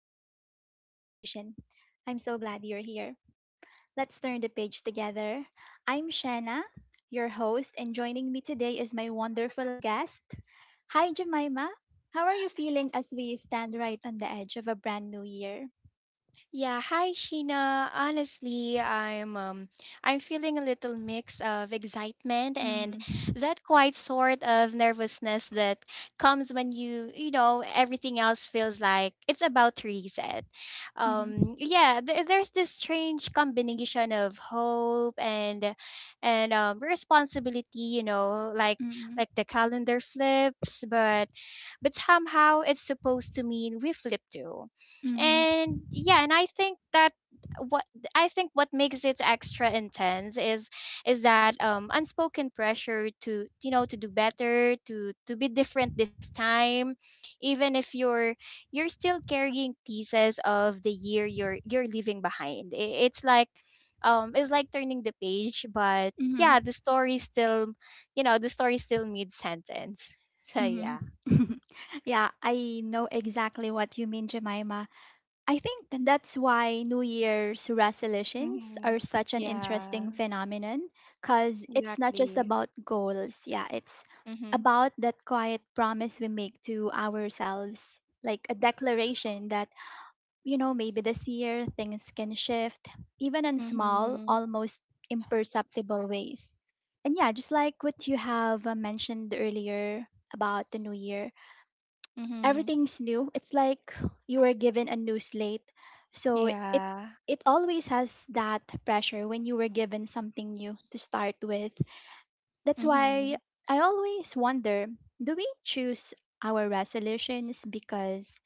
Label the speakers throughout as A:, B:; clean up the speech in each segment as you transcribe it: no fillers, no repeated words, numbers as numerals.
A: for a little inspiration, I'm so glad you're here. Let's turn the page together. I'm Shanna, your host, and joining me today is my wonderful guest. Hi, Jemima. How are you feeling as we stand right on the edge of a brand new year?
B: Yeah, hi Sheena. Honestly, I'm feeling a little mix of excitement and
A: Mm-hmm.
B: that quite sort of nervousness that comes when everything else feels like it's about to reset.
A: Mm-hmm.
B: There's this strange combination of hope and responsibility, you know, like
A: Mm-hmm.
B: the calendar flips, but somehow it's supposed to mean we flip too.
A: Mm-hmm.
B: And I think that what I think what makes it extra intense is that unspoken pressure to, you know, to do better, to be different this time, even if you're still carrying pieces of the year you're leaving behind. It's like it's like turning the page, but
A: Mm-hmm.
B: yeah, the story still, you know, the story still mid sentence. So yeah.
A: Mm-hmm. Yeah, I know exactly what you mean, Jemima. I think that's why New Year's resolutions are
B: Hmm.
A: such an interesting
B: Yeah,
A: phenomenon because it's not just
B: exactly.
A: about goals. Yeah, it's about that quiet promise we make to ourselves, like a declaration that, maybe this year things can shift, even in small,
B: Mhm,
A: almost imperceptible ways. And yeah, just like what you have mentioned earlier about the New Year,
B: mhm,
A: everything's new. It's like you were given a new slate. So it
B: yeah,
A: it always has that pressure when you were given something new to start with. That's why
B: mhm.
A: I always wonder, do we choose our resolutions because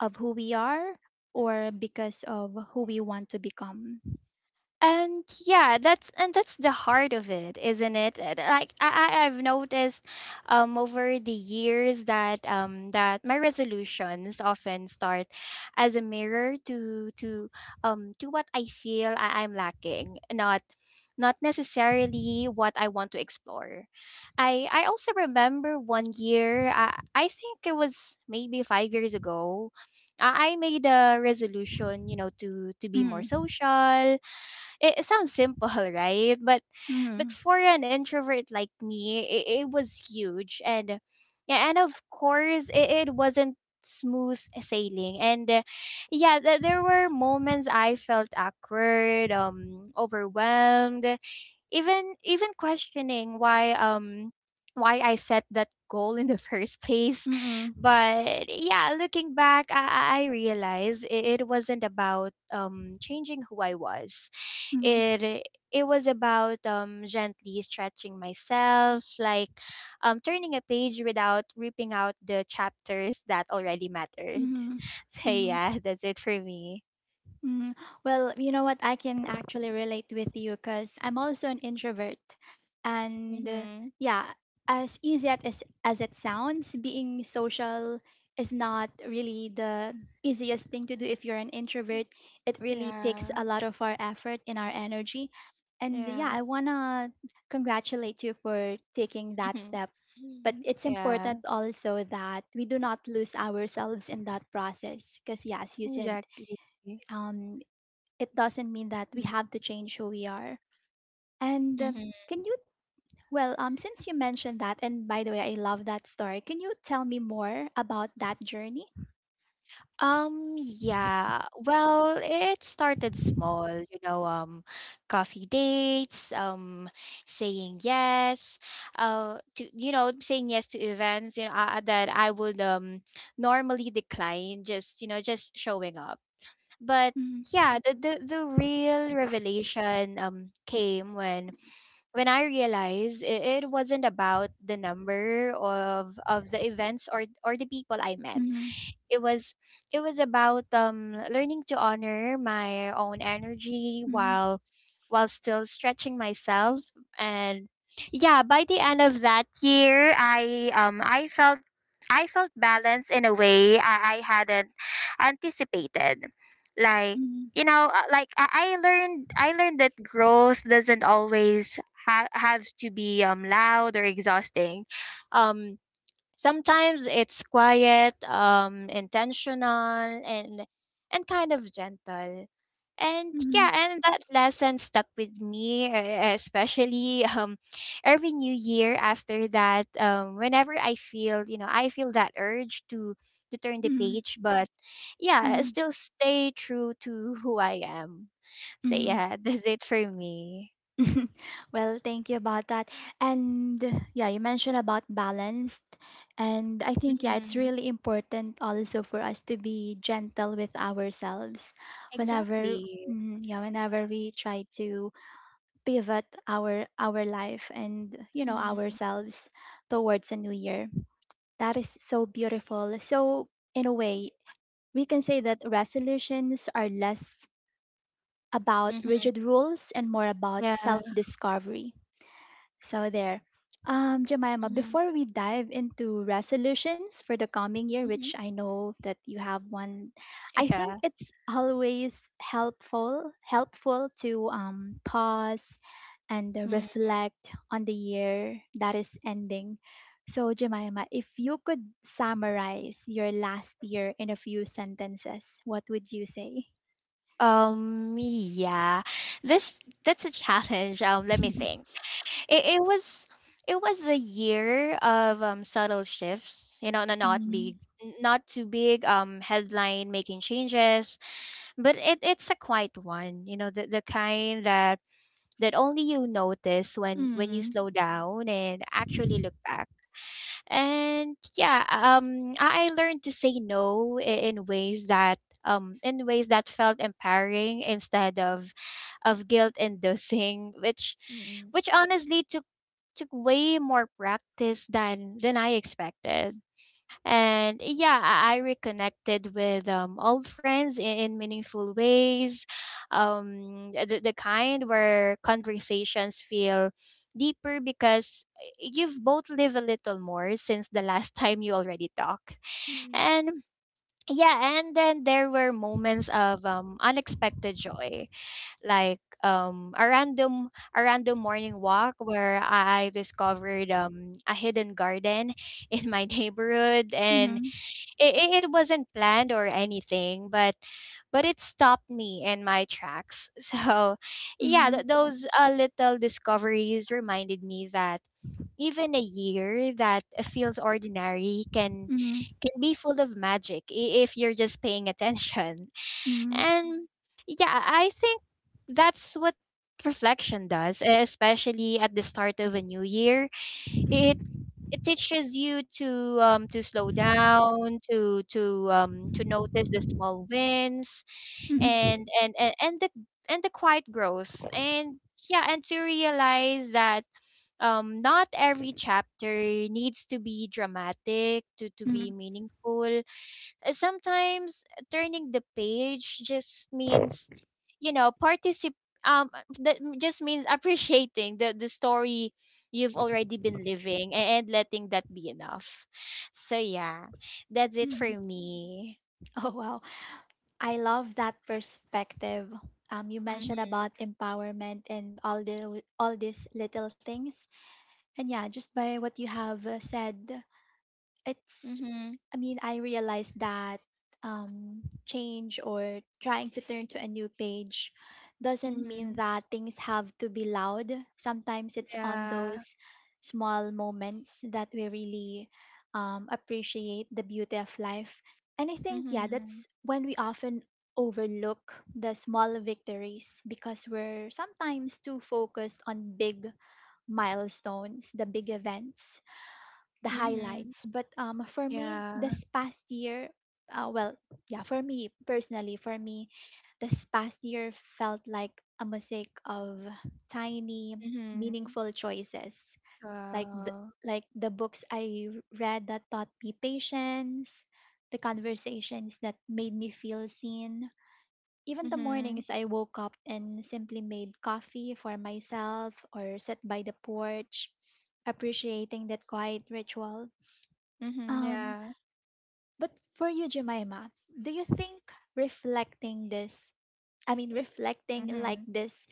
A: of who we are or because of who we want to become?
B: And that's the heart of it, isn't it? And like I've noticed over the years that that my resolutions often start as a mirror to to what I feel I'm lacking, not not necessarily what I want to explore. I also remember one year, I think it was maybe 5 years ago, I made a resolution, you know, to be more
A: Mm,
B: social. It sounds simple, right? But
A: mm,
B: for an introvert like me, it was huge, and yeah, and of course, it wasn't smooth sailing. There were moments I felt awkward, overwhelmed, even even questioning why I set that goal in the first place.
A: mm, mm,
B: But yeah, looking back, I realized it wasn't about changing who I was.
A: mm,
B: It it was about gently stretching myself, like turning a page without ripping out the chapters that already mattered.
A: mm,
B: So
A: mm.
B: yeah, that's it for me.
A: Mm, well, you know what? I can actually relate with you because I'm also an introvert. And
B: Mm-hmm.
A: yeah, as easy as it sounds, being social is not really the easiest thing to do if you're an introvert. It really takes
B: Yeah.
A: a lot of our effort and our energy. And yeah,
B: Yeah.
A: I want to congratulate you for taking that step. But it's
B: Yeah.
A: important also that we do not lose ourselves in that process because, yeah, as you said,
B: Exactly.
A: um, it doesn't mean that we
B: Mm,
A: have to change who we are. And
B: mhm.
A: can you, since you mentioned that, and by the way, I love that story. Can you tell me more about that journey?
B: Yeah, well, it started small, you know, coffee dates, saying yes, to, you know, saying yes to events, you know, that I would normally decline, just, you know, just showing up. But
A: Mm,
B: yeah, the real revelation came when I realized it wasn't about the number of the events or the people I met.
A: mhm,
B: It was it was about learning to honor my own energy
A: mhm,
B: while still stretching myself, and yeah, by the end of that year, I felt I felt balanced in a way I hadn't anticipated. Like,
A: mhm,
B: you know, like I learned, I learned that growth doesn't always have to be loud or exhausting. um Sometimes it's quiet, intentional, and and kind of gentle. And
A: mhm,
B: yeah, and that lesson stuck with me, especially every new year after that. Whenever I feel, you know, I feel that urge to turn the
A: mhm,
B: page, but yeah, I
A: mhm,
B: still stay true to who I am. So
A: mhm.
B: yeah, that's it for me.
A: Well, thank you about that. And yeah, you mentioned about balanced. And I think, yeah, it's
B: Hmm.
A: really important also for us to be gentle with ourselves whenever,
B: Exactly.
A: yeah, whenever we try to pivot our life and
B: Hmm.
A: ourselves towards a new year. That is so beautiful. So in a way we can say that resolutions are less about
B: Hmm.
A: rigid rules and more about
B: Yeah.
A: self discovery, so there. Jemima,
B: Hmm.
A: before we dive into resolutions for the coming year,
B: Hmm.
A: which I know that you have one, I think
B: Yeah.
A: it's always helpful to pause and
B: Mhm.
A: reflect on the year that is ending. So, Jemima, if you could summarize your last year in a few sentences, what would you say?
B: Yeah. This that's a challenge. Let me think. It was it was a year of subtle shifts, you know, not
A: Mm,
B: big, not too big headline making changes, but it's a quiet one, you know, the kind that that only you notice when you
A: mm,
B: slow down and actually look back. And yeah I learned to say no in ways that in ways that felt empowering instead of guilt inducing,
A: mm-mm.
B: which honestly took took way more practice than I expected. And yeah i i reconnected with old friends in meaningful ways, the kind where conversations feel deeper because you've both lived a little more since the last time you already talked.
A: Mm-mm.
B: And Yeah, and then there were moments of unexpected joy, like a random, a random morning walk where I discovered a hidden garden in my neighborhood, and
A: mm,
B: it wasn't planned or anything, but it stopped me in my tracks. So
A: mm,
B: yeah,
A: mm, mm
B: those little discoveries reminded me that even a year that feels ordinary
A: mm mm
B: can be full of magic, if you're just paying attention.
A: mm.
B: and yeah I think that's what reflection does, especially at the start of a new year. it it teaches you to slow down, to to notice the small wins
A: Mhm,
B: and the and the quiet growth. And Yeah, and to realize that not every chapter needs to be dramatic to be
A: mhm,
B: meaningful. Uh, sometimes turning the page just means, you know, just means appreciating the story you've already been living, and letting that be enough. So yeah, that's it for
A: mhm.
B: me.
A: Oh wow. I love that perspective. You
B: Mhm.
A: mentioned about empowerment and all these little things, and yeah, just by what you have said, it's
B: Mhm.
A: I mean, I realized that change or trying to turn to a new page doesn't mean
B: Mhm.
A: that things have to be loud. Sometimes it's on
B: Yeah.
A: those small moments that we really appreciate the beauty of life. And I think, yeah,
B: Mhm.
A: that's when we often overlook the small victories because we're sometimes too focused on big milestones, the big events, the
B: Mhm.
A: highlights. But for me,
B: Yeah.
A: this past year, well, yeah, for me personally, for me, this past year felt like a mosaic of tiny,
B: Mhm.
A: meaningful choices, like
B: Wow.
A: like the books I read that taught me patience, the conversations that made me feel seen. Even the
B: Mhm.
A: mornings I woke up and simply made coffee for myself or sat by the porch, appreciating that quiet ritual.
B: Mhm.
A: um,
B: Yeah.
A: but for you, Jemima, do you think reflecting this, I mean, reflecting like
B: Mhm.
A: this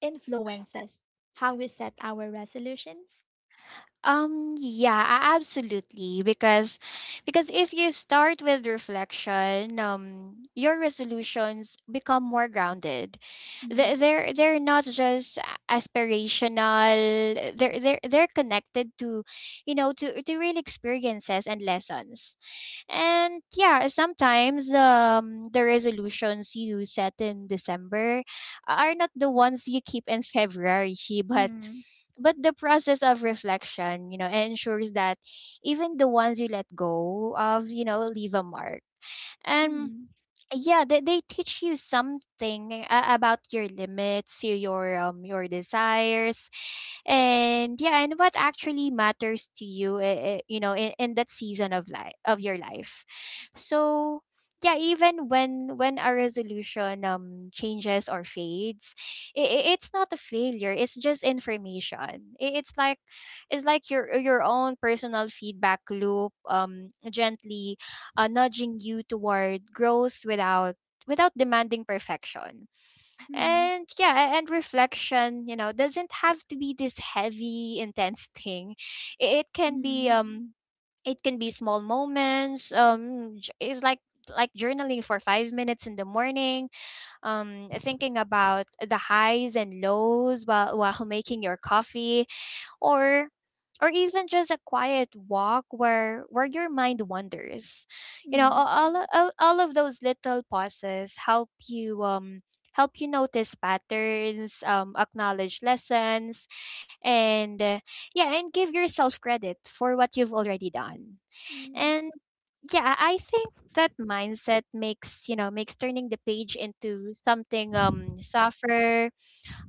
A: influences how we set our resolutions?
B: Absolutely, because if you start with reflection, your resolutions become more grounded. They
A: Mm,
B: they're they're not just aspirational. They're connected to, you know, to real experiences and lessons. And yeah, sometimes the resolutions you set in December are not the ones you keep in February, but
A: mm,
B: but the process of reflection, you know, ensures that even the ones you let go of, you know, leave a mark. And
A: mm,
B: yeah, they teach you something about your limits, your desires, and yeah, and what actually matters to you, you know, in that season of life of your life. So yeah, even when a resolution changes or fades, it, it's not a failure. It's just information. I it's like your own personal feedback loop, gently nudging you toward growth without without demanding perfection.
A: mm,
B: And yeah, and reflection, you know, doesn't have to be this heavy, intense thing. It can be
A: mm,
B: it can be small moments. It's like journaling for 5 minutes in the morning, thinking about the highs and lows while while making your coffee, or or even just a quiet walk where your mind wanders. You know,
A: mm,
B: all of those little pauses help you notice patterns, acknowledge lessons, and yeah, and give yourself credit for what you've already done.
A: mm,
B: And Yeah, I think that mindset makes, you know, makes turning the page into something softer,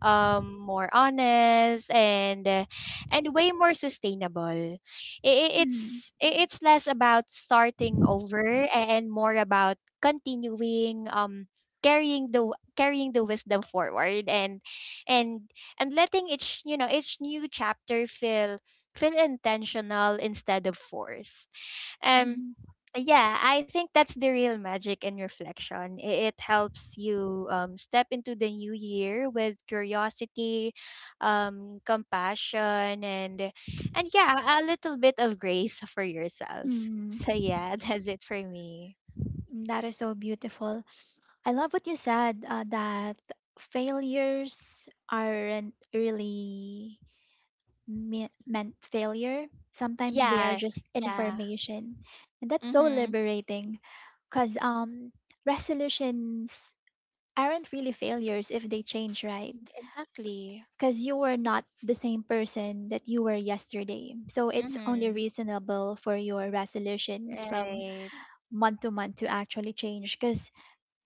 B: more honest, and way more sustainable.
A: mm,
B: It's less about starting over and more about continuing, carrying the wisdom forward, and and letting each, you know, each new chapter feel feel intentional instead of forced.
A: mm,
B: um
A: mm.
B: yeah, I think that's the real magic in reflection. It helps you step into the new year with curiosity, compassion, and yeah, a little bit of grace for yourself.
A: Mm.
B: So mm-hmm, yeah, that's it for me.
A: That is so beautiful. I love what you said, that failures aren't really meant failure. Sometimes they are
B: Yeah,
A: just
B: yeah.
A: information. And that's so
B: Mm-hmm.
A: liberating because resolutions aren't really failures if they change, right?
B: Exactly.
A: Because you were not the same person that you were yesterday. So it's only
B: Mm-hmm.
A: reasonable for your resolutions from
B: Right.
A: month to month to actually change because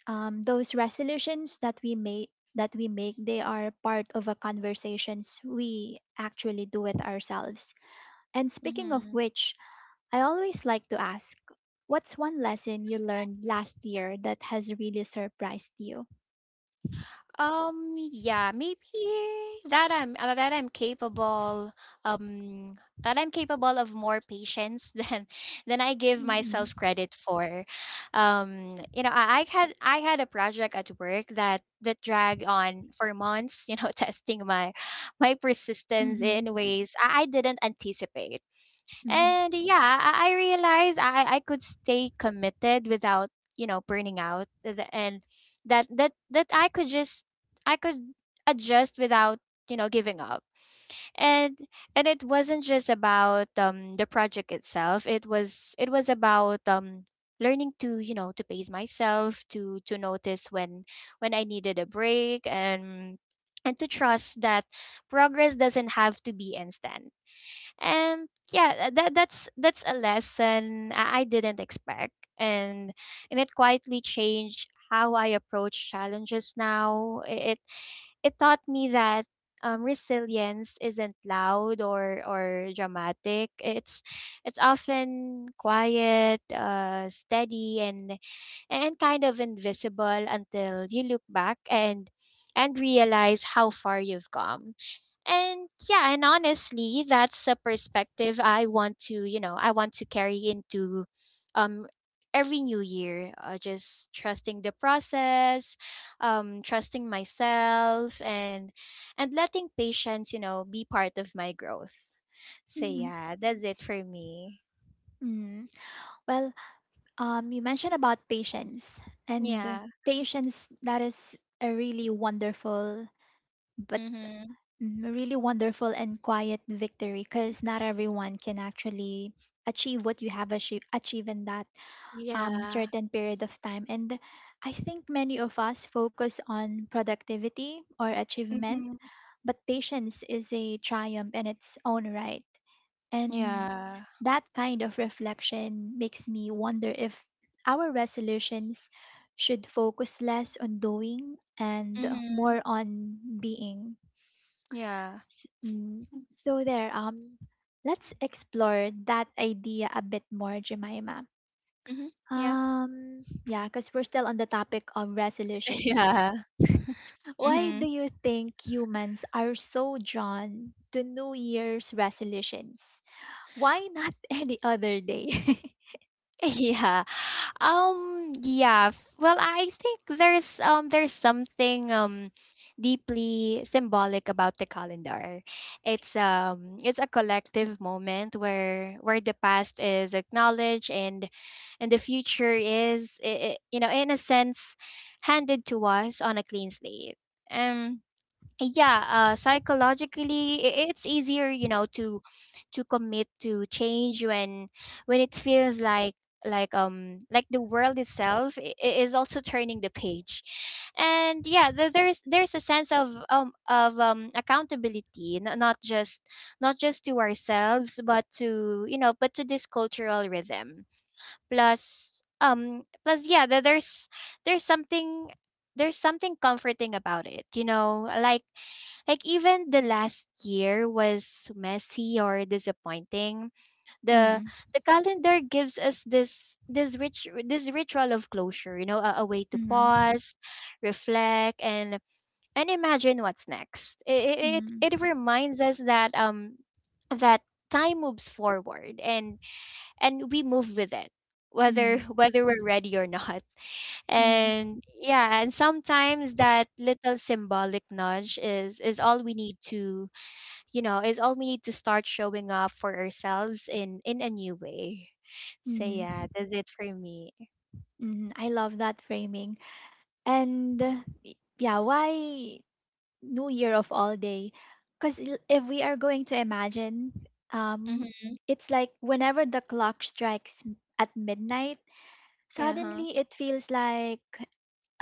A: those resolutions that we make, they are part of a conversations we actually do with ourselves. And speaking of
B: Mm-hmm.
A: which, I always like to ask, what's one lesson you learned last year that has really surprised you?
B: Yeah, maybe that I'm uh, that I'm capable um that I'm capable of more patience than I give
A: Mm-mm,
B: myself credit for. You know, I had a project at work that that dragged on for months, you know, testing my my persistence
A: mm-hmm,
B: in ways I didn't anticipate.
A: mm-hmm,
B: And yeah, I realized I could stay committed without, you know, burning out at the end. That I could just I could adjust without, you know, giving up. And and it wasn't just about the project itself. It was about learning to, you know, to pace myself, to notice when I needed a break and to trust that progress doesn't have to be instant. And yeah, that's that's a lesson I didn't expect, and and it quietly changed how I approach challenges now. It it taught me that resilience isn't loud or dramatic. It's often quiet, steady, and kind of invisible until you look back and realize how far you've come. And yeah, and honestly, that's a perspective I want to, you know, I want to carry into um every new year, just trusting the process, trusting myself, and letting patience, you know, be part of my growth. So
A: mm-hmm,
B: yeah, that's it for me.
A: mm. Well, you mentioned about patience, and
B: Yeah.
A: patience, that is a really wonderful, but
B: Mhm.
A: really wonderful and quiet victory because not everyone can actually achieve what you have achieved in that
B: Yeah.
A: certain period of time. And I think many of us focus on productivity or achievement,
B: Mhm.
A: but patience is a triumph in its own right. And
B: Yeah.
A: that kind of reflection makes me wonder if our resolutions should focus less on doing and
B: Mhm.
A: more on being.
B: Yeah.
A: S- mm, So there, let's explore that idea a bit more, Jemima.
B: Mhm. Yeah.
A: Yeah, because we're still on the topic of resolutions.
B: Yeah.
A: Why
B: Mhm.
A: do you think humans are so drawn to New Year's resolutions? Why not any other day?
B: Yeah. Well, I think there's something deeply symbolic about the calendar. It's a collective moment where the past is acknowledged and the future is, you know, in a sense, handed to us on a clean slate. Um yeah Psychologically it's easier, you know, to commit to change when it feels like like the world itself is also turning the page. And yeah, there's a sense of accountability, not just to ourselves, but to you know but to this cultural rhythm. Plus um plus yeah th- there's there's something, there's something comforting about it, you know, like even the last year was messy or disappointing. The
A: Mm,
B: the calendar gives us this rich, this ritual of closure, you know, a way to
A: mm,
B: pause, reflect, and imagine what's next. It
A: mm,
B: reminds us that that time moves forward and we move with it, whether
A: mm,
B: whether we're ready or not.
A: mm,
B: And yeah, and sometimes that little symbolic nudge is all we need to you know is all we need to start showing up for ourselves in a new way. So yeah,
A: mm,
B: that's it for me.
A: mm. I love that framing. And yeah, why? New year of all day? Because if we are going to imagine, um
B: Mm-hmm.
A: it's like whenever the clock strikes at midnight,
B: Uh-huh.
A: suddenly it feels like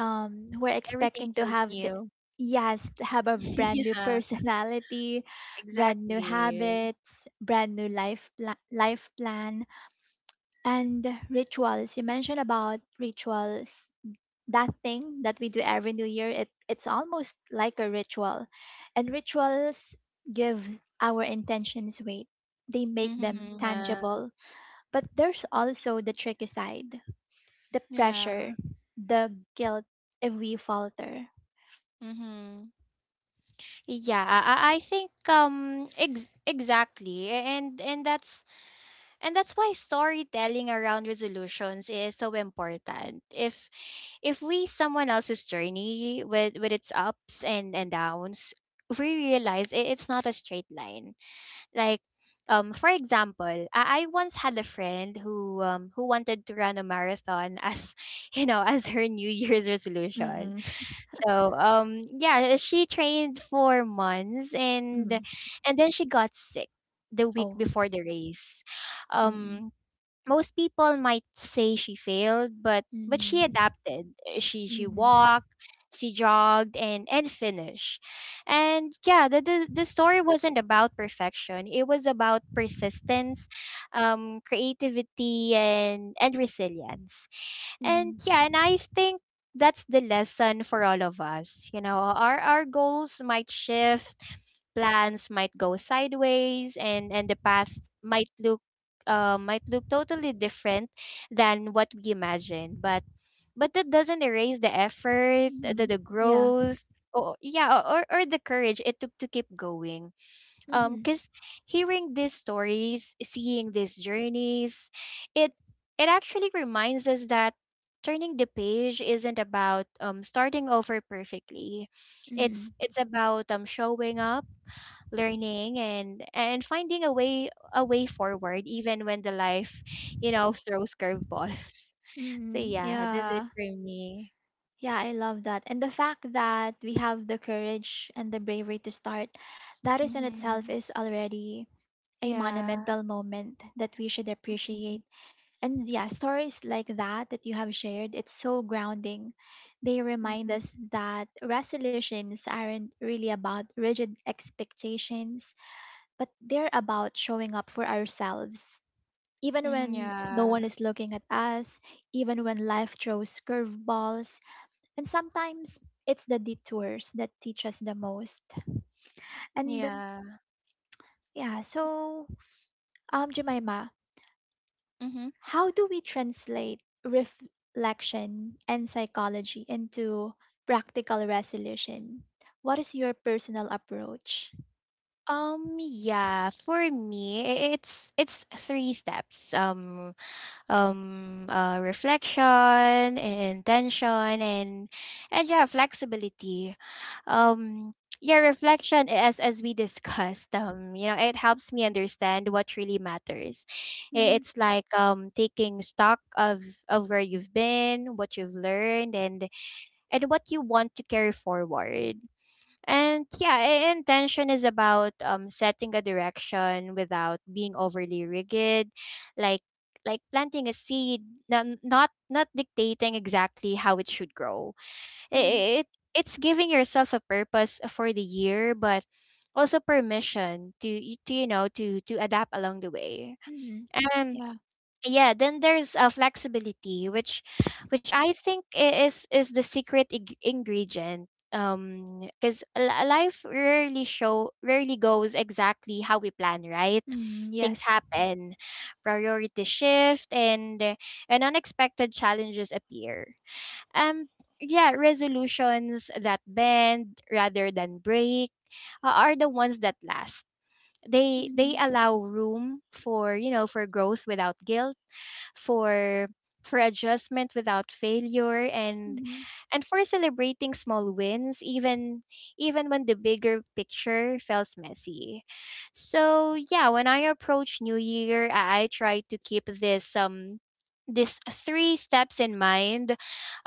A: we're
B: Everything
A: expecting to
B: feels
A: have the
B: new.
A: yes, to have a brand new
B: Yeah,
A: personality, brand new
B: exactly.
A: habits, brand new life plan, and rituals. You mentioned about rituals. That thing that we do every new year, it's almost like a ritual. And rituals give our intentions weight, they make them
B: Mm-hmm. Yeah.
A: tangible. But there's also the tricky side, the pressure,
B: Yeah.
A: the guilt if we falter.
B: Mm-hmm. Yeah, I think exactly, and that's why storytelling around resolutions is so important. If we someone else's journey with its ups and downs, we realize it's not a straight line. Like, for example, I once had a friend who wanted to run a marathon as, you know, as her New Year's resolution.
A: Mm-mm.
B: So yeah, she trained for months and
A: mm.
B: then she got sick the week
A: Oh.
B: before the race.
A: mm-mm.
B: Um Most people might say she failed, but she
A: Mm-hmm.
B: adapted. She
A: Mm-hmm.
B: walked, she jogged, and finished. And yeah, the story wasn't about perfection. It was about persistence, creativity, and resilience. And
A: Mm-hmm.
B: yeah, and I think that's the lesson for all of us. You know, our goals might shift, plans might go sideways, and the path might look totally different than what we imagined. But that doesn't erase the effort,
A: Mm-hmm.
B: the
A: Yeah.
B: growth, or yeah, or the courage it took to keep going.
A: Mm-hmm.
B: Cause hearing these stories, seeing these journeys, it it actually reminds us that turning the page isn't about starting over perfectly.
A: Mm-hmm.
B: It's about showing up, learning, and finding a way forward, even when the life, you know, throws curveballs. So
A: Mm-hmm.
B: yeah, that's it
A: Yeah.
B: for me.
A: Yeah, I love that. And the fact that we have the courage and the bravery to start, that is in itself
B: Mm-hmm.
A: is already a
B: Yeah.
A: monumental moment that we should
B: Mm-hmm.
A: appreciate. And yeah, stories like that that you have shared, it's so grounding. They remind us that resolutions aren't really about rigid expectations, but they're about showing up for ourselves. Even
B: Mm-hmm.
A: when no one
B: Yeah.
A: is looking at us, even when life throws curveballs, and sometimes it's the detours that teach us the most. And
B: Yeah.
A: yeah, so Jemima,
B: Mm-hmm.
A: how do we translate reflection and psychology into practical resolution? What is your personal approach?
B: Yeah, for me, it's three steps. Reflection, and intention, and yeah, flexibility. um yeah, reflection, as we discussed, you know, it helps me understand what really matters.
A: Hmm.
B: It's like, taking stock of where you've been, what you've learned, and what you want to carry forward. And yeah, intention is about setting a direction without being overly rigid, like planting a seed, not dictating exactly how it should grow.
A: Hmm.
B: It, it it's giving yourself a purpose for the year, but also permission to, to adapt along the way.
A: Hmm.
B: Um
A: Yeah.
B: yeah, then there's, flexibility, which I think is the secret ingredient, because life rarely goes exactly how we plan, right?
A: Hmm.
B: Things
A: Yes.
B: happen, priority shift, and, unexpected challenges appear. um yeah, resolutions that bend rather than break, are the ones that last. They
A: Hmm.
B: allow room for, you know, for growth without guilt, for adjustment without failure, and
A: Hmm.
B: for celebrating small wins, even when the bigger picture feels messy. So yeah, when I approach New Year, I try to keep this, three steps in mind.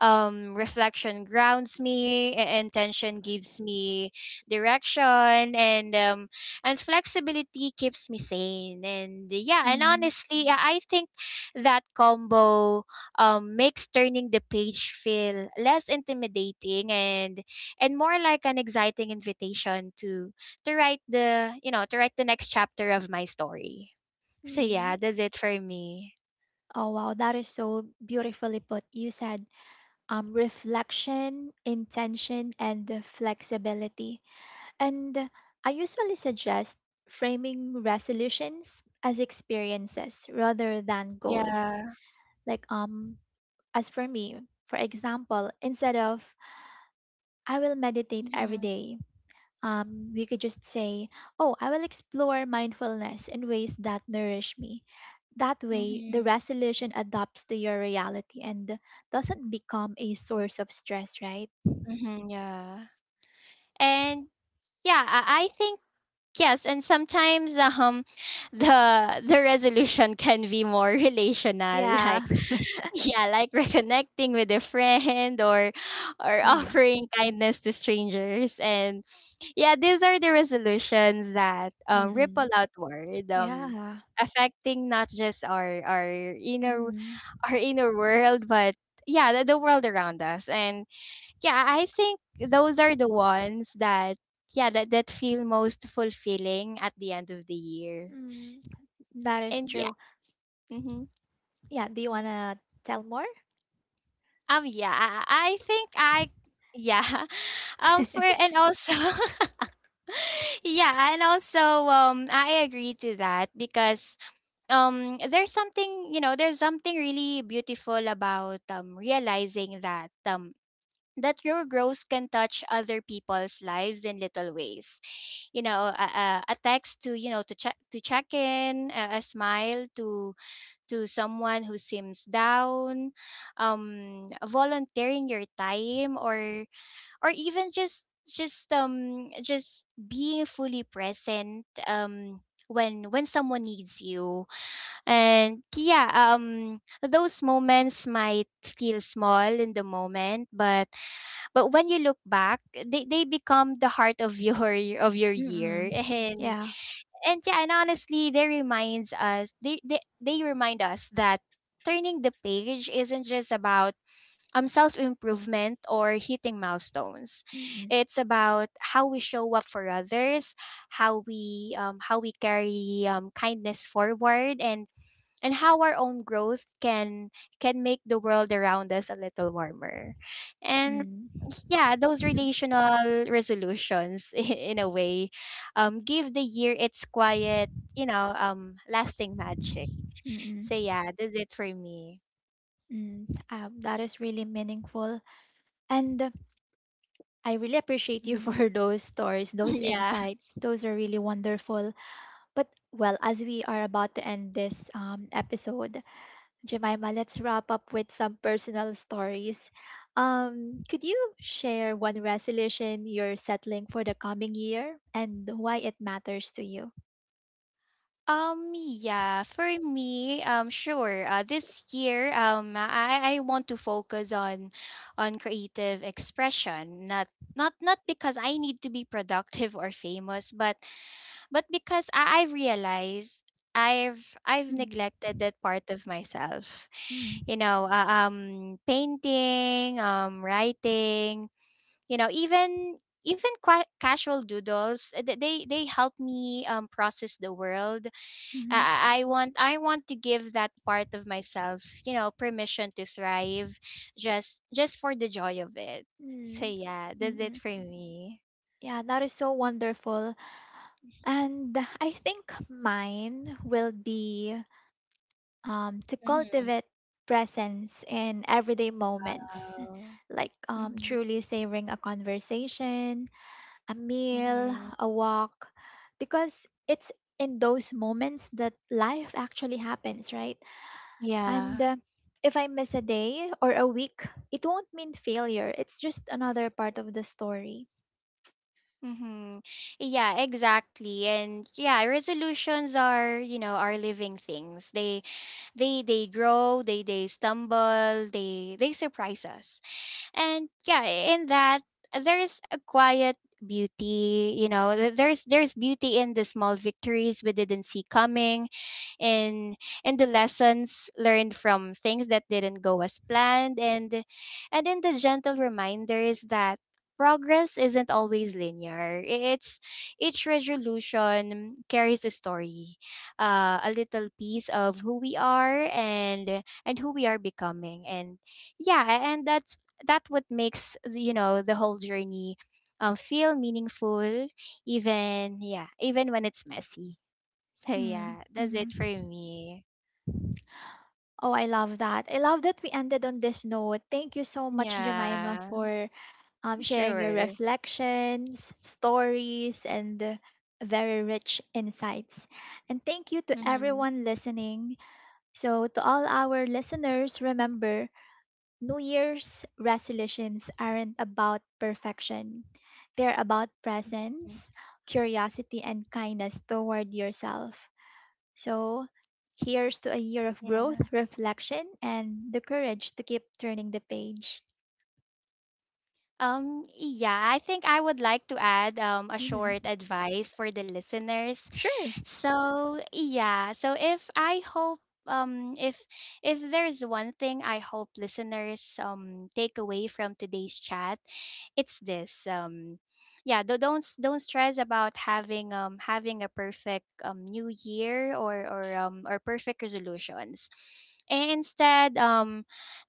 B: Reflection grounds me, intention gives me direction, and flexibility keeps me sane. And yeah, and
A: Hmm.
B: honestly, I think that combo, makes turning the page feel less intimidating and more like an exciting invitation to write the you know to write the next chapter of my story. So
A: Hmm.
B: yeah, that's it for me.
A: Oh wow, that is so beautifully put. You said reflection, intention, and the flexibility. And I usually suggest framing resolutions as experiences rather than goals.
B: Yeah.
A: Like as for me, for example, instead of "I will meditate every
B: Mm-hmm.
A: day," we could just say, "Oh, I will explore mindfulness in ways that nourish me." That way, the
B: Mm-hmm.
A: resolution adapts to your reality and doesn't become a source of stress, right?
B: Mm-hmm. Yeah. And yeah, I think yes, and sometimes the resolution can be more relational,
A: Yeah.
B: like. Yeah, like reconnecting with a friend or
A: Mm,
B: offering kindness to strangers. And yeah, these are the resolutions that,
A: mm,
B: ripple
A: mm.
B: outward,
A: Yeah.
B: affecting not just
A: Mm,
B: our inner world, but yeah, the world around us. And yeah, I think those are the ones that yeah that feel most fulfilling at the end of the year.
A: mm. That is
B: And yeah.
A: true.
B: Mm-hmm.
A: Yeah, do you want to tell more?
B: Yeah, yeah, for and also, yeah, and also, I agree to that because, there's something, you know, there's something really beautiful about, realizing that, that your growth can touch other people's lives in little ways. You know, a text to, you know, to check in, a smile to someone who seems down, volunteering your time, or or even just being fully present, when someone needs you. And yeah, those moments might feel small in the moment, but when you look back, they become the heart of your, of your
A: Mm-mm.
B: year.
A: Yeah.
B: And yeah, and honestly, they remind us that turning the page isn't just about self improvement or hitting milestones.
A: Mm-mm.
B: It's about how we show up for others, how we, carry kindness forward, and how our own growth can make the world around us a little warmer. And
A: Mm.
B: yeah, those relational resolutions in a way, give the year its quiet, lasting magic.
A: Mm-mm.
B: So yeah, that's it for me.
A: Mm. That is really meaningful. And I really appreciate you
B: Mhm.
A: for those stories, those
B: Yeah.
A: insights. Those are really wonderful. But, well, as we are about to end this episode, Jemima, let's wrap up with some personal stories. Could you share one resolution you're settling for the coming year and why it matters to you?
B: Yeah, for me, sure. This year, I want to focus on, creative expression, not because I need to be productive or famous, but because I I've realized I've
A: Mm-hmm.
B: neglected that part of myself. You know, painting, writing. You know, even casual doodles, they help me, process the world.
A: Mm-hmm.
B: I want to give that part of myself, you know, permission to thrive, just for the joy of it. So
A: Mm,
B: yeah, that's it
A: mm-mm.
B: for me.
A: Yeah, that is so wonderful. And I think mine will be to
B: Mm-hmm.
A: cultivate presence in everyday moments,
B: Wow.
A: like
B: Mm-hmm.
A: truly savoring a conversation, a meal,
B: Mm-hmm.
A: a walk, because it's in those moments that life actually happens, right? And
B: Yeah.
A: if I miss a day or a week, it won't mean failure. It's just another part of the story.
B: Mm-hmm. Yeah, exactly. And yeah, resolutions are, you know, are living things. They grow, they stumble, they surprise us. And yeah, in that, there is a quiet beauty, you know, there's beauty in the small victories we didn't see coming, in the lessons learned from things that didn't go as planned, and in the gentle reminders that progress isn't always linear. It's, each resolution carries a story, a little piece of who we are and who we are becoming. And yeah, and that's, that what makes, you know, the whole journey, feel meaningful, even yeah, even when it's messy. So
A: Mm-hmm.
B: yeah, that's
A: Mm-hmm.
B: it for me.
A: Oh, I love that. I love that we ended on this note. Thank you so much, Jemima,
B: Yeah,
A: for sharing your
B: sure.
A: reflections, stories, and very rich insights. And thank you to
B: Mm-hmm.
A: everyone listening. So, to all our listeners, remember, New Year's resolutions aren't about perfection, they're about
B: Mm-hmm.
A: presence, curiosity, and kindness toward yourself. So, here's to a year of
B: Yeah.
A: growth, reflection, and the courage to keep turning the page.
B: Yeah, I think I would like to add, a short
A: Hmm.
B: advice for the listeners.
A: Sure.
B: So, yeah, um if if there's one thing I hope listeners take away from today's chat, it's this. Yeah, do don't stress about having, a perfect, new year, or or perfect resolutions. And instead, um,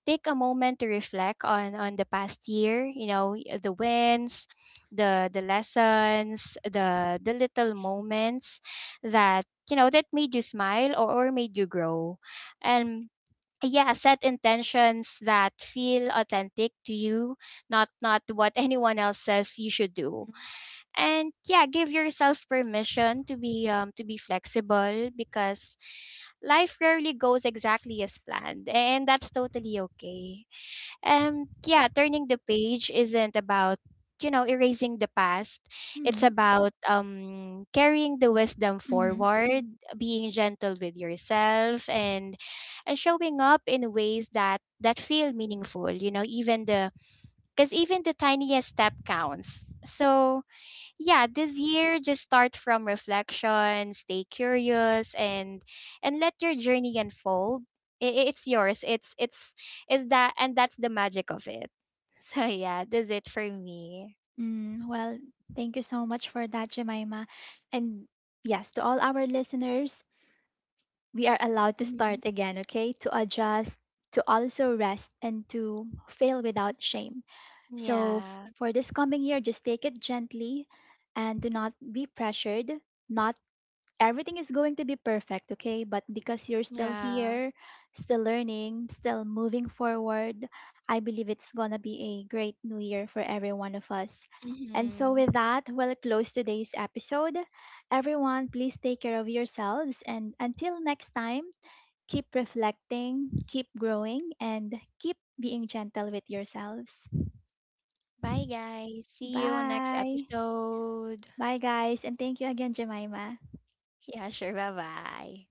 B: take a moment to reflect on the past year, you know, the wins, the lessons, the little moments that, you know, that made you smile, or made you grow. And yeah, set intentions that feel authentic to you, not what anyone else says you should do. And yeah, give yourself permission to be, flexible, because life rarely goes exactly as planned, and that's totally okay. Yeah, turning the page isn't about, you know, erasing the past. It's
A: Mm-hmm.
B: about carrying the wisdom
A: Mm-hmm.
B: forward, being gentle with yourself, and showing up in ways that feel meaningful, you know, even the cuz even the tiniest step counts. So, yeah, this year, just start from reflection, stay curious, and let your journey unfold. It's yours, it's that, and that's the magic of it. So yeah, that's it for me.
A: Mm, well, thank you so much for that, Jemima. And yes, to all our listeners, we are allowed to start
B: Hmm.
A: again, okay? To adjust, to also rest, and to fail without shame. So,
B: Yeah.
A: for this coming year, just take it gently and do not be pressured, not everything is going to be perfect, okay? But because you're still
B: Yeah.
A: here, still learning, still moving forward, I believe it's going to be a great new year for every one of us. And so,
B: Mm-hmm.
A: with that, we'll close today's episode. Everyone, please take care of yourselves. And until next time, keep reflecting, keep growing, and keep being gentle with yourselves.
B: Bye, guys. See you on next
A: Bye.
B: episode.
A: Bye, guys. And thank you again, Jemima.
B: Yeah, sure. bye bye